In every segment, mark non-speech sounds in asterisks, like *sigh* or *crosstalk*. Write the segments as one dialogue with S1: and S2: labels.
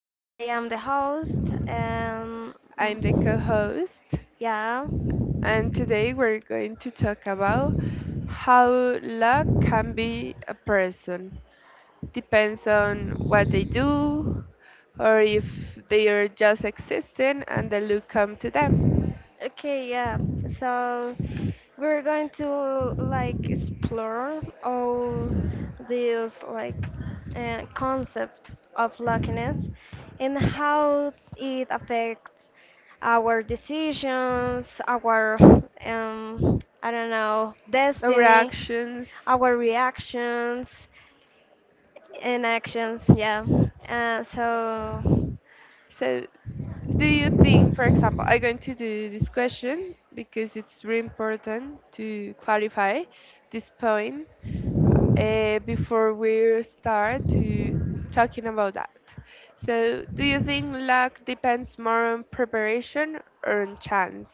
S1: I am the host. Um,
S2: I'm the co host,
S1: yeah.
S2: and today we're going to talk about how luck can be a person. Depends on what they do or if they are just existing and the luck come to them.
S1: Okay, yeah. So we're going to explore all these like concept of luckiness and how it affects our decisions, our I don't know,
S2: Our
S1: destiny,
S2: actions.
S1: our reactions in actions, yeah. So
S2: So, do you think, for example, I'm going to do this question because it's really important to clarify this point before we start to talking about that. So, do you think luck depends more on preparation or on chance?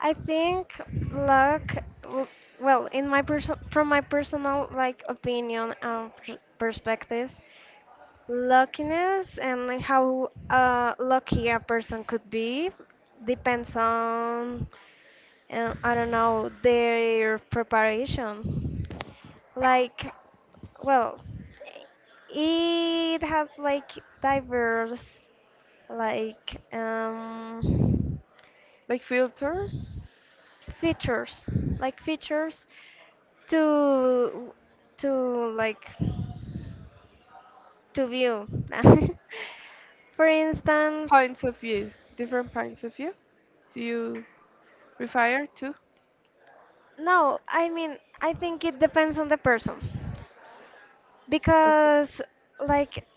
S1: I think luck, w- well, in my from my personal opinion and perspective, luckiness and like, how lucky a person could be depends on, I don't know, their preparation. Like, well, it has like diverse like um,
S2: Like filters,
S1: features, like features to to like to view. *laughs* For instance,
S2: points of view, different points of view. Do you refer to?
S1: no, I mean I think it depends on the person because like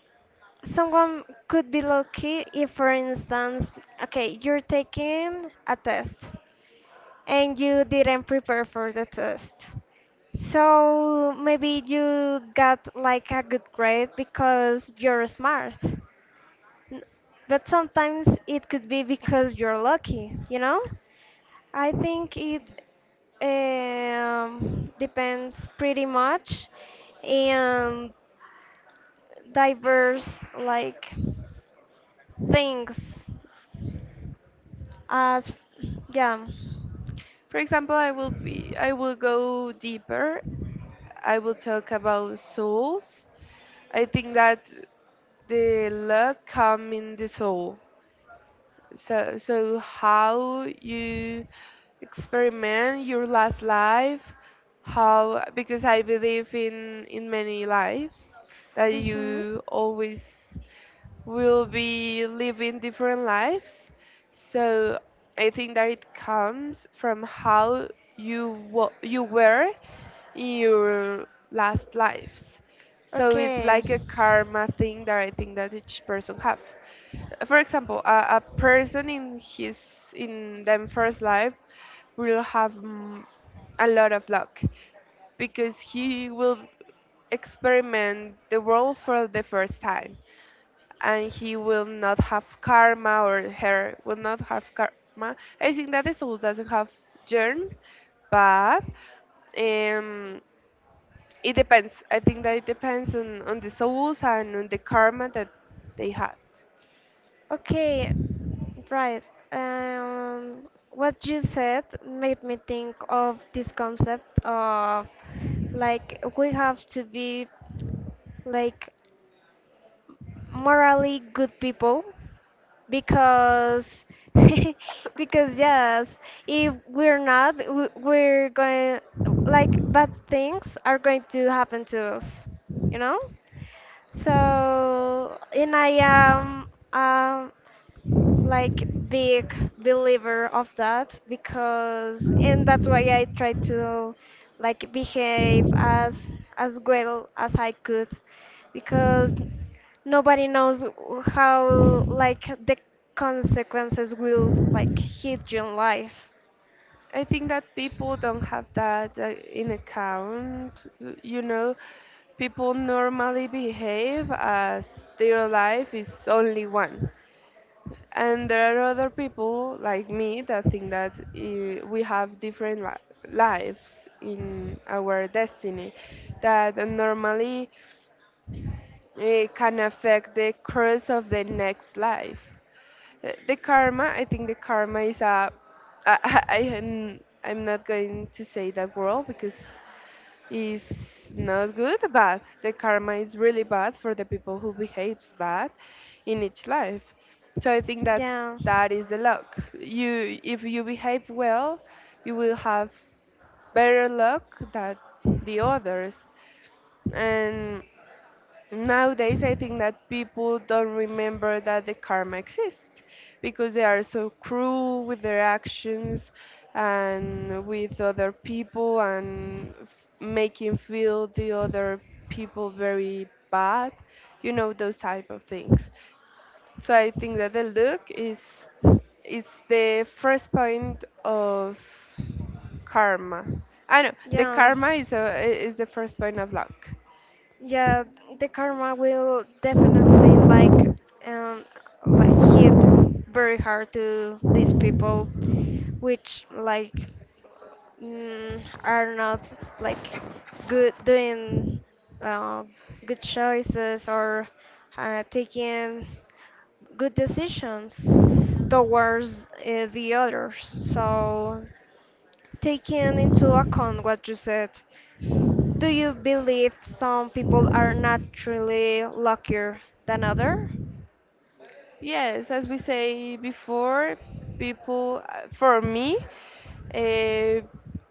S1: someone could be lucky if for instance okay you're taking a test and you didn't prepare for the test. So maybe you got like a good grade because you're smart. N- But sometimes it could be because you're lucky, you know? I think it depends pretty much and diverse like things as yeah.
S2: For example, I will go
S1: I
S2: deeper I will talk about souls. I think that the luck come in the soul. So, how you experiment your last life, how because I believe in many lives
S1: many
S2: that
S1: lives and mhm. So
S2: you always will be living different lives. So I think that it comes from how you were your last lives. So it's
S1: okay. I
S2: like a
S1: can have
S2: karma thing that I think that each person have. For example, a person in his in them first life will have a lot of luck because he will experiment the world for the first time and he will not have karma or her will not have karma. I think that the soul doesn't have germ, but um, it depends. I think that it depends on the souls and on the karma that they had.
S1: okay, right. What you said made me think of this concept of like we have to be like morally good people because *laughs* because yes, if we're not, we're going like bad things are going to happen to us, you know? So, and I am um, like big believer of that because and that's why I try to like behave as well as I could because nobody knows how like the consequences will like hit your life.
S2: I think that people don't have that in account. You know, people normally behave as their life is only one. And there are other people like me that think that we have different lives in our destiny that normally can affect the course of the next life. The karma, I think the karma is a. I am, I'm not going to say that word because it's not good, but the karma is really bad for the people who behaves bad in each life. So I think that
S1: Yeah.
S2: that is the luck. You, if you behave well, you will have better luck than the others. And nowadays, I think that people don't remember that the karma exists because they are so cruel with their actions and with other people and making feel the other people very bad, you know, those type of things. So I think that the look is the first point of karma. I know the
S1: Yeah.
S2: karma is is the first point of luck.
S1: Yeah, the karma will definitely um like hit very hard to these people which like are not like good doing uh, good choices or taking good decisions towards the others. So taking into account what you said, do you believe some people are naturally luckier than others?
S2: Yes, as we say before, people, for me, uh,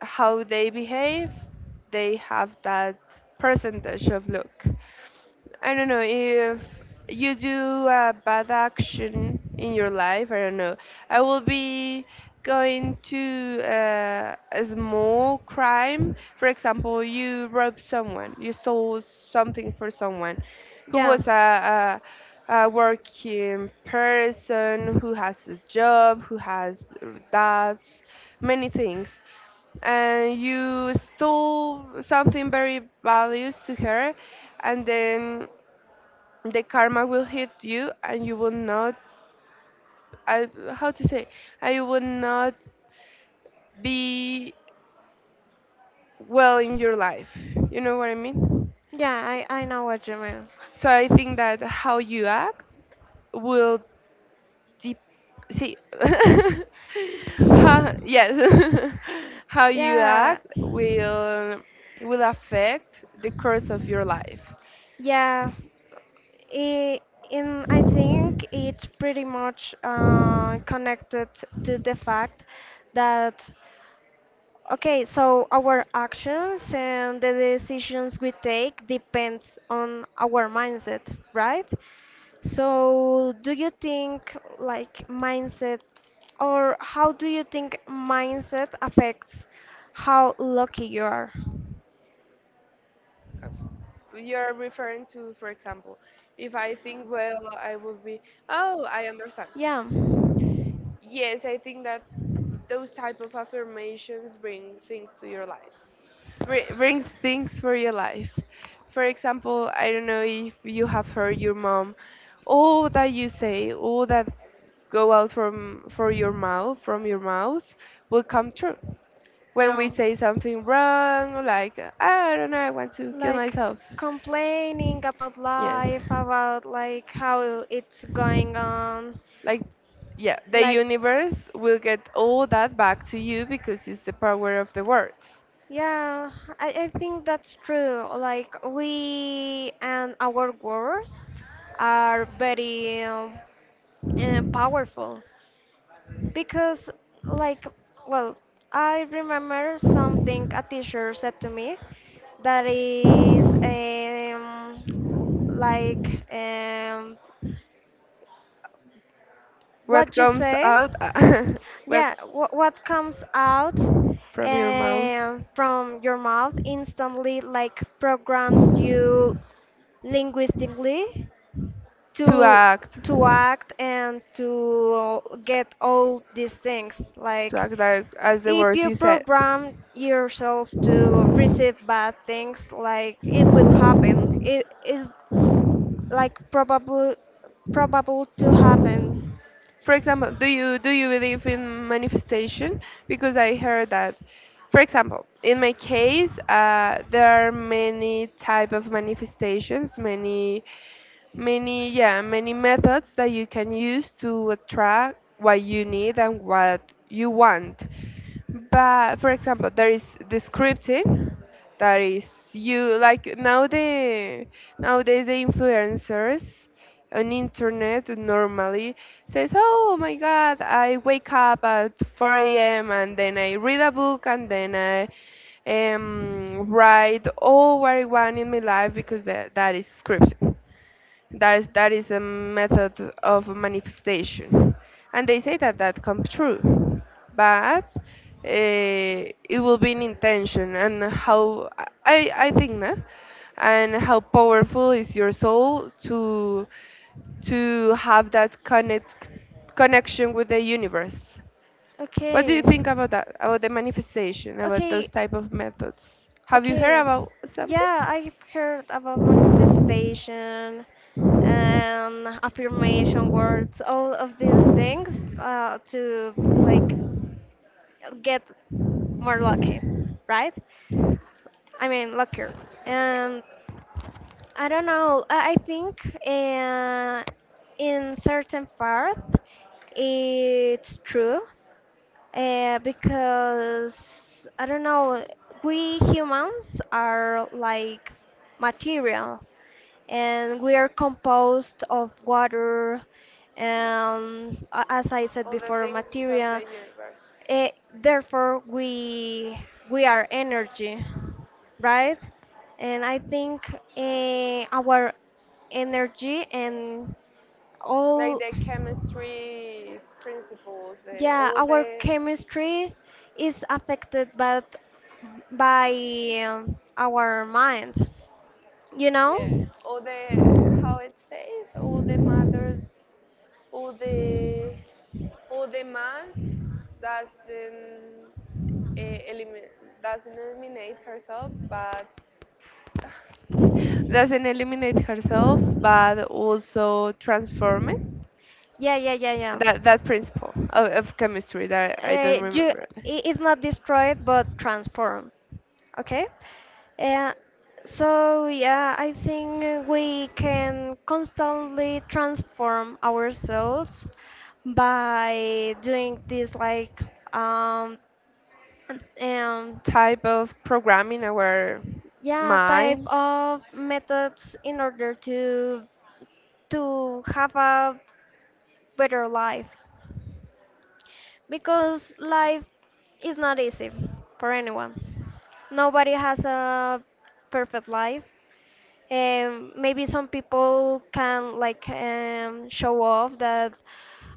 S2: how they behave, they have that percentage of luck. I don't know if you do a bad action in your life. I don't know. I will be going to a small crime. For example, you robbed someone, you stole something for someone who
S1: Yeah.
S2: was a working person who has a job, who has debts, many things. And you stole something very values to her, and then the karma will hit you, and you will not, I, how to say, and you will not be well in your life. You know what I mean?
S1: Yeah, I know what you mean.
S2: So I think that how you act will deep see *laughs* how yes *laughs* how
S1: *laughs*
S2: you
S1: Yeah.
S2: act will affect the course of your life.
S1: Yeah, i- and I think it's pretty much connected to the fact that, okay, so our actions and the decisions we take depends on our mindset, right? So, do you think like mindset, or how do you think mindset affects how lucky you are?
S2: You're referring to, for example, if I think well I will be oh I understand
S1: Yeah,
S2: yes I think that those type of affirmations bring things to your life. Brings things for your life. For example, I don't know if you have heard your mom all that you say, all that go out from for your mouth from your mouth will come true. When we
S1: yeah.
S2: say something wrong, like I don't know I want to kill
S1: Like
S2: myself,
S1: complaining about
S2: yes,
S1: life, about like how it's going on.
S2: like yeah the
S1: Like,
S2: universe will get all that back to you because it's the power of the words.
S1: yeah, I think that's true. Like, we and our worst are very powerful. Because, like, well, I remember something a teacher said to me that is w- like um,
S2: What
S1: what you
S2: comes
S1: say,
S2: out *laughs* what
S1: yeah, what comes out
S2: from your mouth
S1: from your mouth instantly, like, programs you linguistically
S2: to
S1: to
S2: act
S1: to act and to get all these things
S2: to
S1: like
S2: act like as the
S1: if
S2: words
S1: you
S2: you said.
S1: program yourself to receive bad things, like it will happen. It is like probable to happen.
S2: For example, do you believe in manifestation? Because I heard that, for example, in my case, there are many type of manifestations, many many yeah many methods that you can use to attract what you need and what you want. But for example, there is the scripting that is you like now the nowadays the influencers on internet normally says, "Oh my God, I wake up at 4 a.m. and then I read a book and then I write all what I want in my life because that, that is scripting." That is, that is a method of manifestation and they say that that comes true but eh, it will be an intention and how I think no? And how powerful is your soul to have that connection with the universe. What do you
S1: Okay.
S2: think about that, about the manifestation, about those
S1: Okay.
S2: type of methods, have you heard
S1: Okay.
S2: about something?
S1: Yeah, I've heard about manifestation and affirmation words, all of these things to like get more lucky, right? I mean, luckier. And I don't know. I think in certain part it's true, because I don't know, we humans are like material and we are composed of water and as I said
S2: All the
S1: before
S2: things of the
S1: material
S2: universe
S1: therefore we are energy, right, and I think our energy and
S2: like
S1: all
S2: the chemistry principles,
S1: yeah,
S2: all
S1: our
S2: the
S1: chemistry is affected but by our mind, you
S2: yeah,
S1: know?
S2: all the how it says, all the matters, all the all the mass doesn't eliminate doesn't eliminate herself, but *laughs* doesn't eliminate herself, but also transform it.
S1: Yeah, yeah, yeah, yeah.
S2: That that principle of chemistry that I don't remember.
S1: It's not destroyed but transformed, okay? Uh, yeah, I think we can constantly transform ourselves by doing this um, um,
S2: Type of programming our
S1: yeah, type
S2: mind
S1: of methods in order to have a better life. Because life is not easy for anyone. Nobody has a perfect life. Maybe some people can like show off that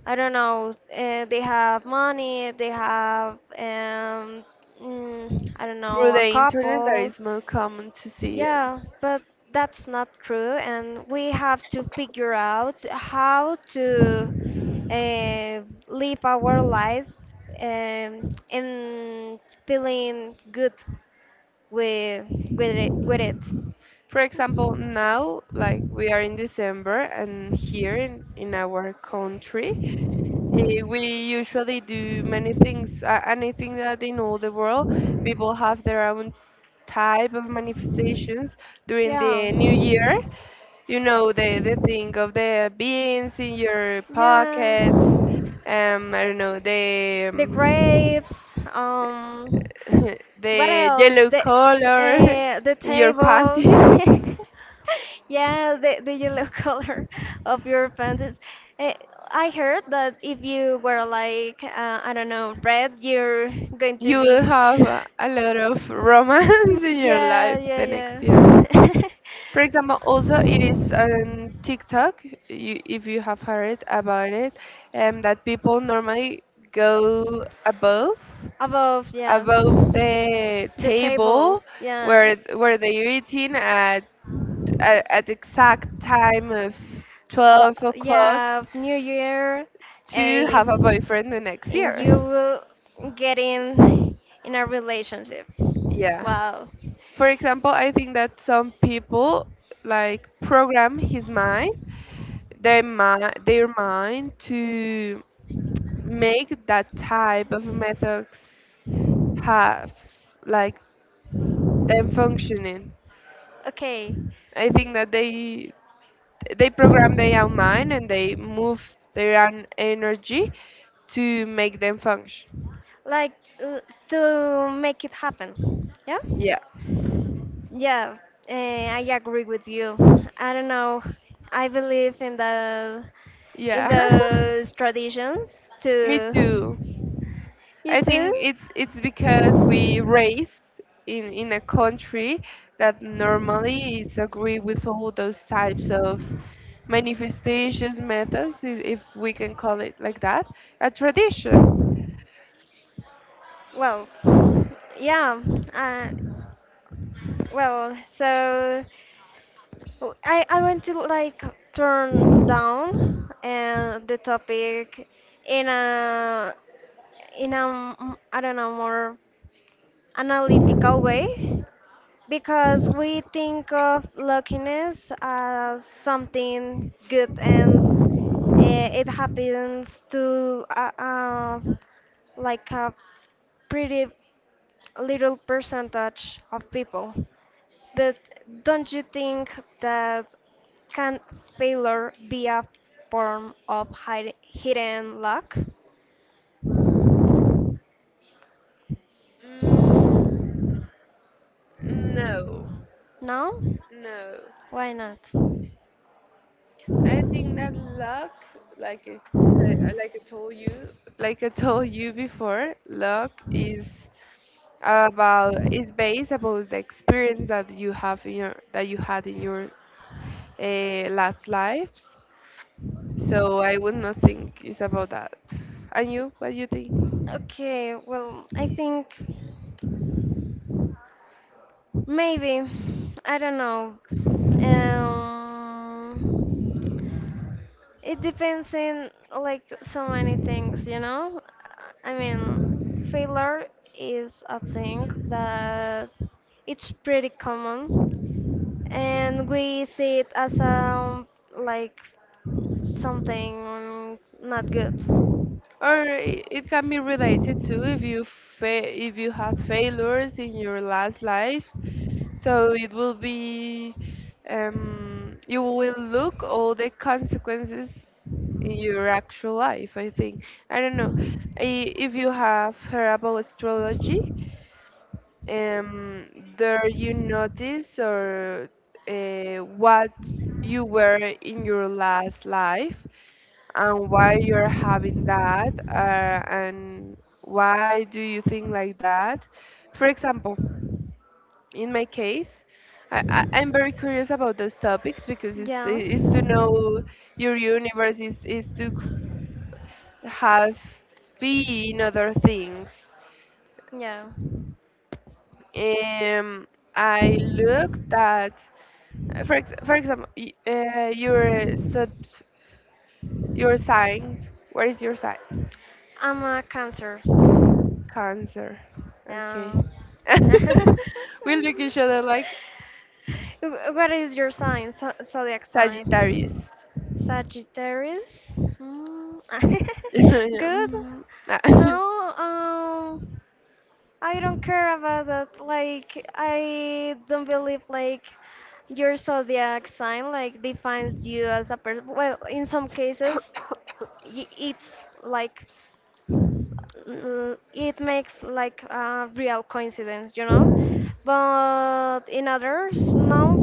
S1: I don't know they have money, they have I don't
S2: through
S1: know a
S2: the internet that
S1: couple.
S2: is more common to see them.
S1: Yeah, but that's not true, and we have to figure out how to uh, live our lives and feeling good with with it.
S2: For example, now, like we are in December and here in our country, eh, we usually do many things. And I think that in all the world, people have their own type of manifestations during
S1: Yeah,
S2: the new year. You know, the thing of the beans in your pockets,
S1: yeah.
S2: I don't know, the.
S1: The grapes.
S2: *laughs*
S1: What
S2: The
S1: else?
S2: yellow color
S1: The
S2: *laughs* your
S1: table.
S2: panty,
S1: *laughs* Yeah, the yellow *laughs* color of your pants. Uh, I heard that if you wear like I don't know red, you're going
S2: *laughs*
S1: to
S2: you will
S1: be.
S2: have a lot of romance *laughs*
S1: *laughs*
S2: in your
S1: Yeah,
S2: life
S1: yeah,
S2: the next year.
S1: yeah.
S2: For example, also it is on TikTok, you, if you have heard about it, and that people normally go above
S1: *laughs* Above, yeah.
S2: the
S1: The table,
S2: table
S1: yeah.
S2: where they're eating at, at the exact time of
S1: Uh,
S2: 12 o'clock
S1: yeah, New Year,
S2: to have a
S1: and
S2: boyfriend the next
S1: and you
S2: year.
S1: will get in a relationship.
S2: Yeah.
S1: Wow.
S2: For example, I think that some people like program his mind, their mind to make that type of methods have like them functioning.
S1: Okay,
S2: I think that they program their own mind and they move their own energy to make them function.
S1: like uh, to make it happen. Yeah.
S2: Yeah.
S1: Yeah, I agree with you. I don't know. I believe in
S2: Yeah. *laughs*
S1: those traditions
S2: Me
S1: too.
S2: too.
S1: You
S2: I
S1: too?
S2: think it's because we raise in a country that normally is agree with all those types of manifestations methods, I- if we can call it like that, a tradition.
S1: Well, yeah. Uh, well, so Oh, I want to like turn down the topic in a I don't know more analytical way because we think of luckiness as something good and it happens to like a pretty little percentage of people. But don't you think that can failure be a form of hidden luck?
S2: Mm, no,
S1: No?
S2: no.
S1: Why not?
S2: I think that luck, like I said, like I told you, like I told you before, luck is about is based about the experience that you have in your that you had in your last lives. So I would not think it's about that. And you, what do you think?
S1: Okay, well, I think maybe. I don't know. Um, it depends in like so many things, you know? I mean, failure is a thing that it's pretty common and we see it as like something not good.
S2: Or I- it can be related to if you if you had failures in your last lives, so it will be you will look all the consequences in your actual life I think I don't know. I, if you have heard about astrology um, there you notice or what you were in your last life and why you're having that and why do you think like that? For example, in my case, I'm very curious about those topics because
S1: Yeah,
S2: it's to know your universe is to have seen other things.
S1: yeah.
S2: Um, I looked at for ex for example, you're sat you're sign. Where is your sign?
S1: I'm a cancer.
S2: Cancer. Okay.
S1: Yeah.
S2: *laughs*
S1: *laughs*
S2: We look each other like
S1: What is your sign? Zodiac
S2: Sagittarius.
S1: sign?
S2: *laughs*
S1: Sagittarius. Mm. *laughs*
S2: Yeah,
S1: Good.
S2: mm, ah.
S1: No. I don't care about that. Like, I don't believe like your zodiac sign like defines you as a person. Well, in some cases, it's like it makes like a real coincidence, you know. But in others, no.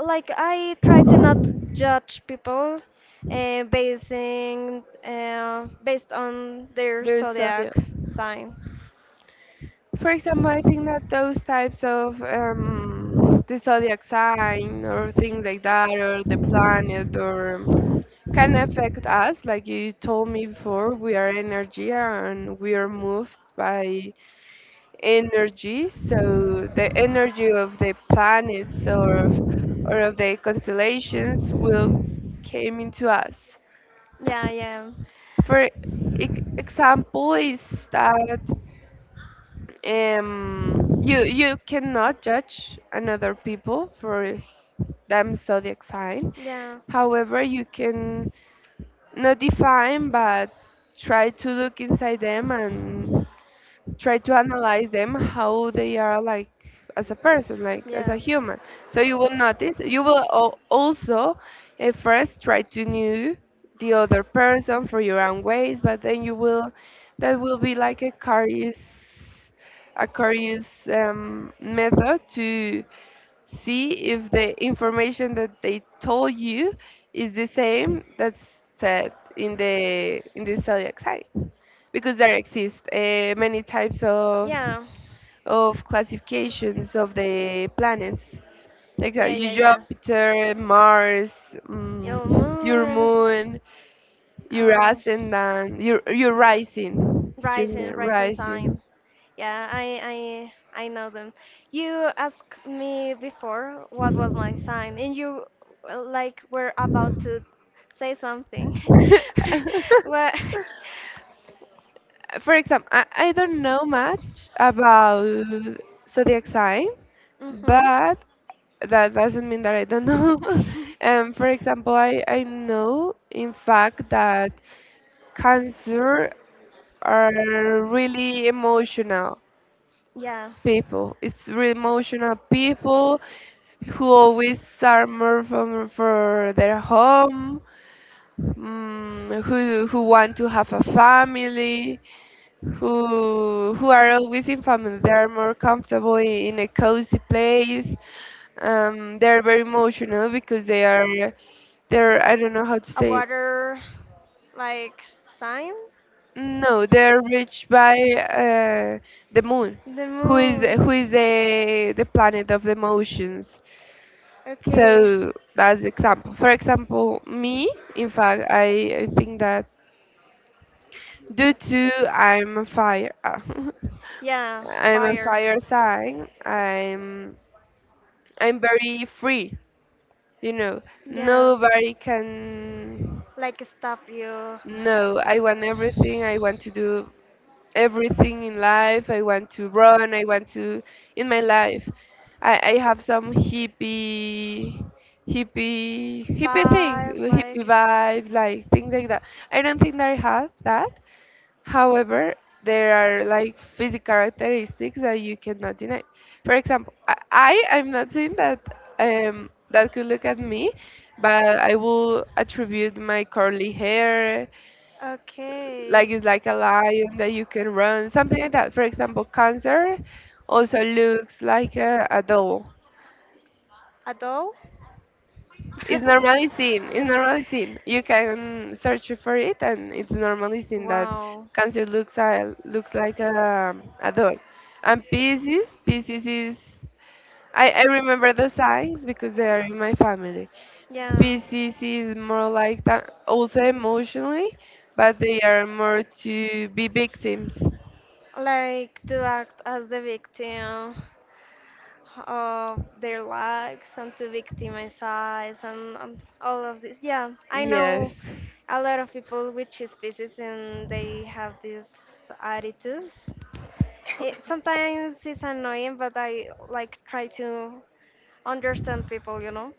S1: Like I try to not judge people basing based on
S2: *laughs*
S1: their
S2: They so
S1: zodiac sign.
S2: for example, I think that those types of the zodiac sign or things like that, or the planet, or can affect us. Like you told me before, we are energy and we are moved by energy. So the energy of the planets or of the constellations will came into us.
S1: Yeah, yeah,
S2: For e- example, is that you you cannot judge another people for them zodiac sign
S1: yeah,
S2: however you can not define but try to look inside them and try to analyze them how they are like as a person like as a
S1: yeah.
S2: human so you will notice you will also at first try to know the other person for your own ways but then you will that will be like a curious method to see if the information that they told you is the same that's said in the zodiac sign because there exist many types
S1: Yeah,
S2: of classifications of the planets like
S1: yeah,
S2: your
S1: yeah, yeah.
S2: Jupiter, Mars, um,
S1: Your
S2: your
S1: moon,
S2: moon, your
S1: uh,
S2: ascendant, your rising. Excuse me,
S1: rising
S2: rising.
S1: sign. Yeah, I know them. You asked me before what was my sign, and you like were about to say something.
S2: *laughs*
S1: *laughs* What? *laughs*
S2: For example, I don't know much about zodiac sign,
S1: Mhm.
S2: but that doesn't mean that I don't know. *laughs*
S1: *laughs*
S2: For example, I know in fact that Cancer are really emotional
S1: Yeah,
S2: people. It's really emotional people who always are more from for their home, who want to have a family, who are always in families. They are more comfortable in a cozy place. They're very emotional because they're I don't know how to
S1: a
S2: say.
S1: water like sign.
S2: No, they're reached by the moon,
S1: The
S2: who is
S1: moon.
S2: who is the planet of the motions.
S1: Okay.
S2: So that's example. For example, me. In fact, I think that due to I'm a fire, *laughs*
S1: Yeah,
S2: I'm a
S1: fire.
S2: fire sign. I'm very free. You know,
S1: Yeah.
S2: nobody can.
S1: Like stop you
S2: No, I want everything. I want to do everything in life. I want to run. I want to in my life. I have some hippie things,
S1: but
S2: hippie
S1: like
S2: vibe, like things like that. I don't think that I have that. However, there are like physical characteristics that you cannot deny. For example, I am not saying that that could look at me, but I will attribute my curly hair, like
S1: okay
S2: it's like a lion that you can run, something like that. For example, cancer also looks like a doll.
S1: at all.
S2: It's normally
S1: *laughs*
S2: seen. It's normally seen. You can search for it, and it's normally seen that
S1: Wow.
S2: cancer looks like a doll. And Pisces is. I remember the signs because they are in my family.
S1: Yeah,
S2: Pisces is more like that, also emotionally, but they are more to be victims.
S1: like to act as the victim of their lives and to victimize and all of this. Yeah, I know
S2: Yes,
S1: a lot of people with cheese pieces and they have these attitudes. It sometimes it's annoying, but I like try to understand people, you know.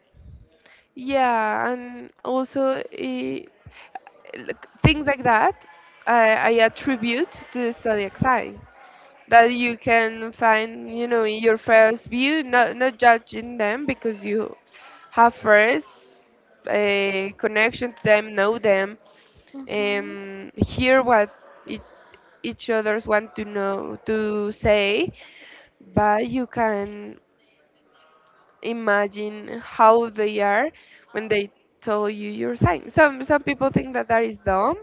S2: yeah, and also like, things like that I attribute to the zodiac sign that you can find, you know, in your first view, not judging them because you have first a connection to them, know them,
S1: Mhm.
S2: and hear what each, each others want to know to say, but you can imagine how they are when they tell you your sign. Some people think that is dumb,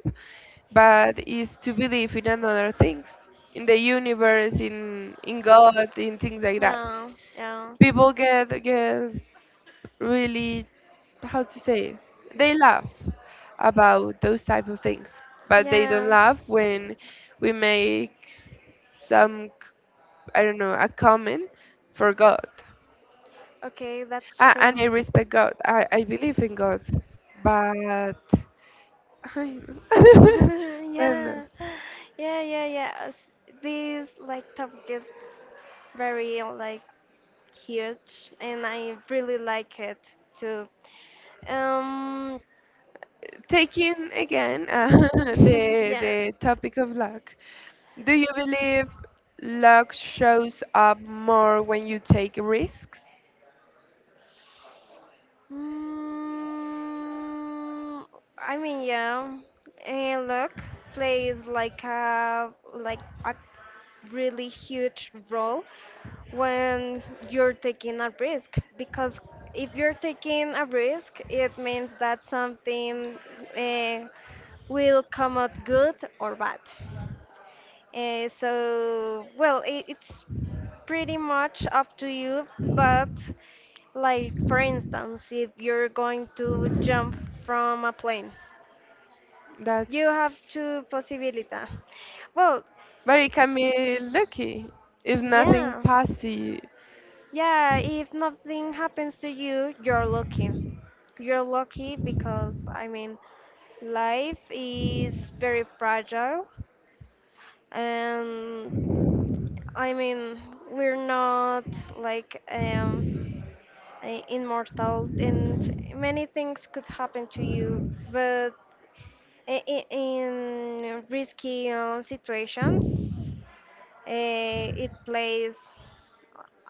S2: but it's to believe in another things, in the universe, in God, in things like that.
S1: Yeah, yeah,
S2: People get really how to say it? They laugh about those type of things, but they don't
S1: yeah.
S2: laugh when we make some I don't know a comment for God.
S1: Okay, that's
S2: Ah,
S1: true.
S2: and I respect God. I believe in God, but I,
S1: *laughs*
S2: *laughs* and
S1: Yeah, yeah, yeah, yeah. This like top gets very like huge, and I really like it too. Um,
S2: taking again *laughs*
S1: *laughs*
S2: the
S1: yeah.
S2: the topic of luck. Do you believe luck shows up more when you take risks?
S1: Mm, I mean, yeah. And look, plays like a really huge role when you're taking a risk because if you're taking a risk it means that something uh, will come out good or bad, so well it's pretty much up to you but like for instance if you're going to jump from a plane
S2: That's
S1: you have two possibilities well
S2: but it can be lucky if nothing
S1: yeah.
S2: passes.
S1: Yeah, if nothing happens to you, you're lucky. You're lucky because, I mean, life is very fragile, and I mean, we're not like immortal, and many things could happen to you. But in risky situations, it plays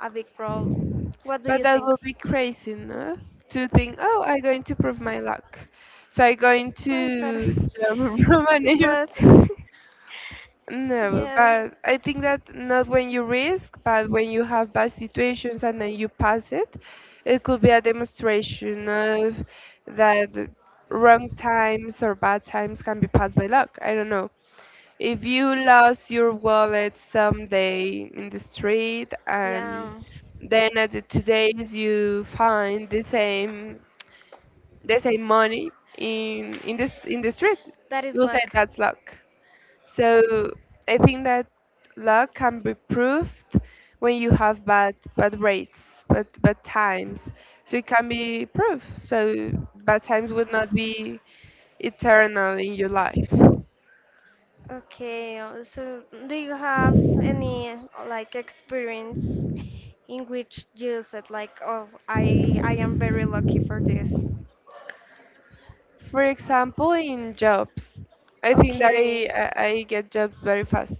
S1: a big role. What do
S2: But
S1: you
S2: that
S1: think?
S2: would be crazy, no? To think, oh, I'm going to prove my luck. So I'm going
S1: Ay, pero...
S2: to jump *laughs* from an
S1: *laughs* But...
S2: airplane.
S1: *laughs*
S2: No,
S1: Yeah.
S2: but I think that not when you risk, but when you have bad situations and then you pass it, it could be a demonstration of that wrong times or bad times can be passed by luck. I don't know. If you lost your wallet someday in the street
S1: Yeah.
S2: and then at the 2 days you find the same money in this in the street,
S1: That is
S2: you will say
S1: luck.
S2: that's luck. So I think that luck can be proved when you have bad rates, bad times. So it can be proved. So bad times would not be eternal in your life.
S1: Okay, so do you have any like experience in which you said like, oh, I am very lucky for this?
S2: For example, in jobs, I think that I,
S1: Okay,
S2: I I get jobs very fast.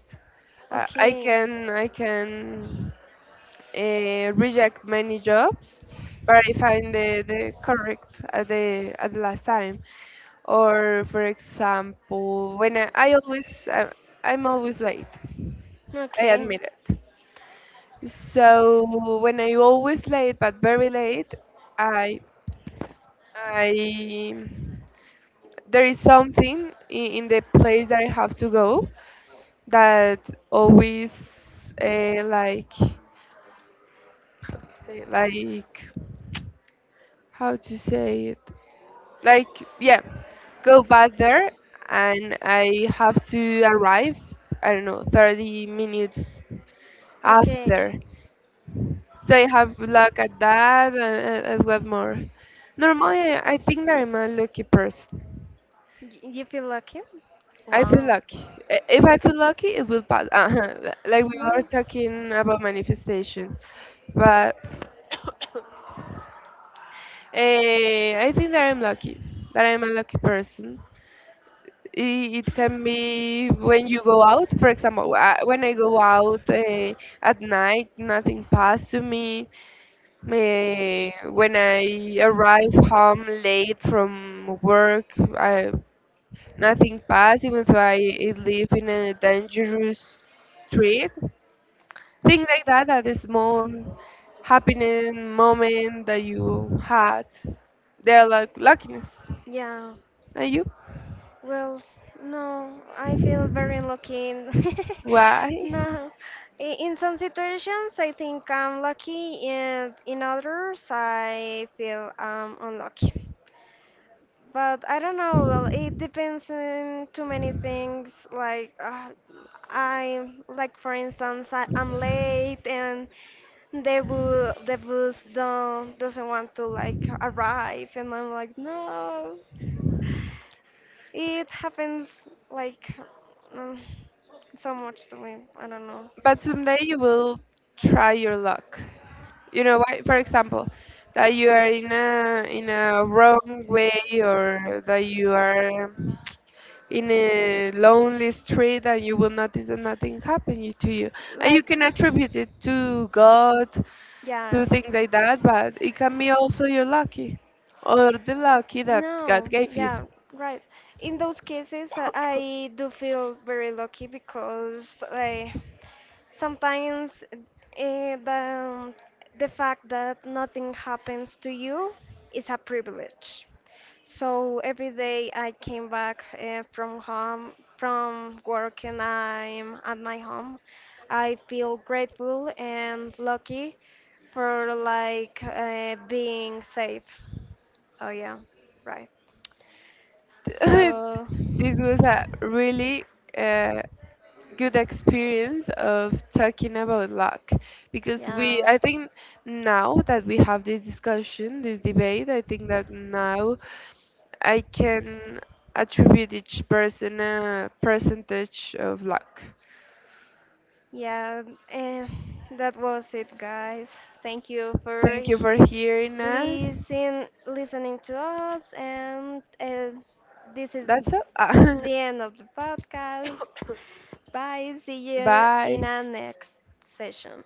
S2: I
S1: okay,
S2: can I can reject many jobs, but I find the correct at the last time. Or for example, when I, I'm always late. I
S1: okay,
S2: admit it. So when I always late, but very late, I I there is something in the place that I have to go that always like say, like how to say it like yeah go back there and I have to arrive I don't know 30 minutes
S1: okay.
S2: after. So I have luck at that and, what more. Normally I think that I'm a lucky person.
S1: You feel lucky?
S2: I feel
S1: Wow.
S2: lucky. I- If I feel lucky, it will pass. Uh-huh. Like we were
S1: No.
S2: talking about manifestation, but *coughs* I think that I'm lucky. That I'm a lucky person. I- It can be when you go out, for example, when I go out at night, nothing passed to me. Eh, when I arrive home late from work, I. Nothing passed, even though I live in a dangerous street. Things like that, that is small happening moment that you had, they're like luckiness.
S1: Yeah.
S2: Are you?
S1: Well, no, I feel very lucky. *laughs*
S2: Why?
S1: No. I- In some situations, I think I'm lucky, and in others, I feel unlucky. But I don't know. Well, it depends on too many things. Like like for instance, I'm late and the bus don't doesn't want to like arrive, and I'm like, no. It happens like um, so much to me. I don't know.
S2: But someday you will try your luck. You know why? For example, that you are in a wrong way or that you are in a lonely street and you will notice that nothing to you. And you
S1: Like
S2: can attribute it to God,
S1: yeah.
S2: to things like that, but it can be also you're lucky or the lucky that God
S1: No,
S2: gave you.
S1: yeah, right. In those cases, I do feel very lucky because I sometimes eh, the, the fact that nothing happens to you is a privilege. So every day I came back from home, from work, and I'm at my home. I feel grateful and lucky for like being safe. So yeah, right.
S2: *laughs*
S1: So
S2: This was a really uh, good experience of talking about luck because we
S1: yeah.
S2: I think now that we have this discussion this debate I think that now I can attribute each person a percentage of luck.
S1: Yeah, and that was it, guys. Thank you for
S2: Thank you for hearing us.
S1: listen, listening to us, and this is
S2: That's all.
S1: the end of the podcast. Bye. See
S2: *laughs*
S1: you
S2: Bye.
S1: in our next session.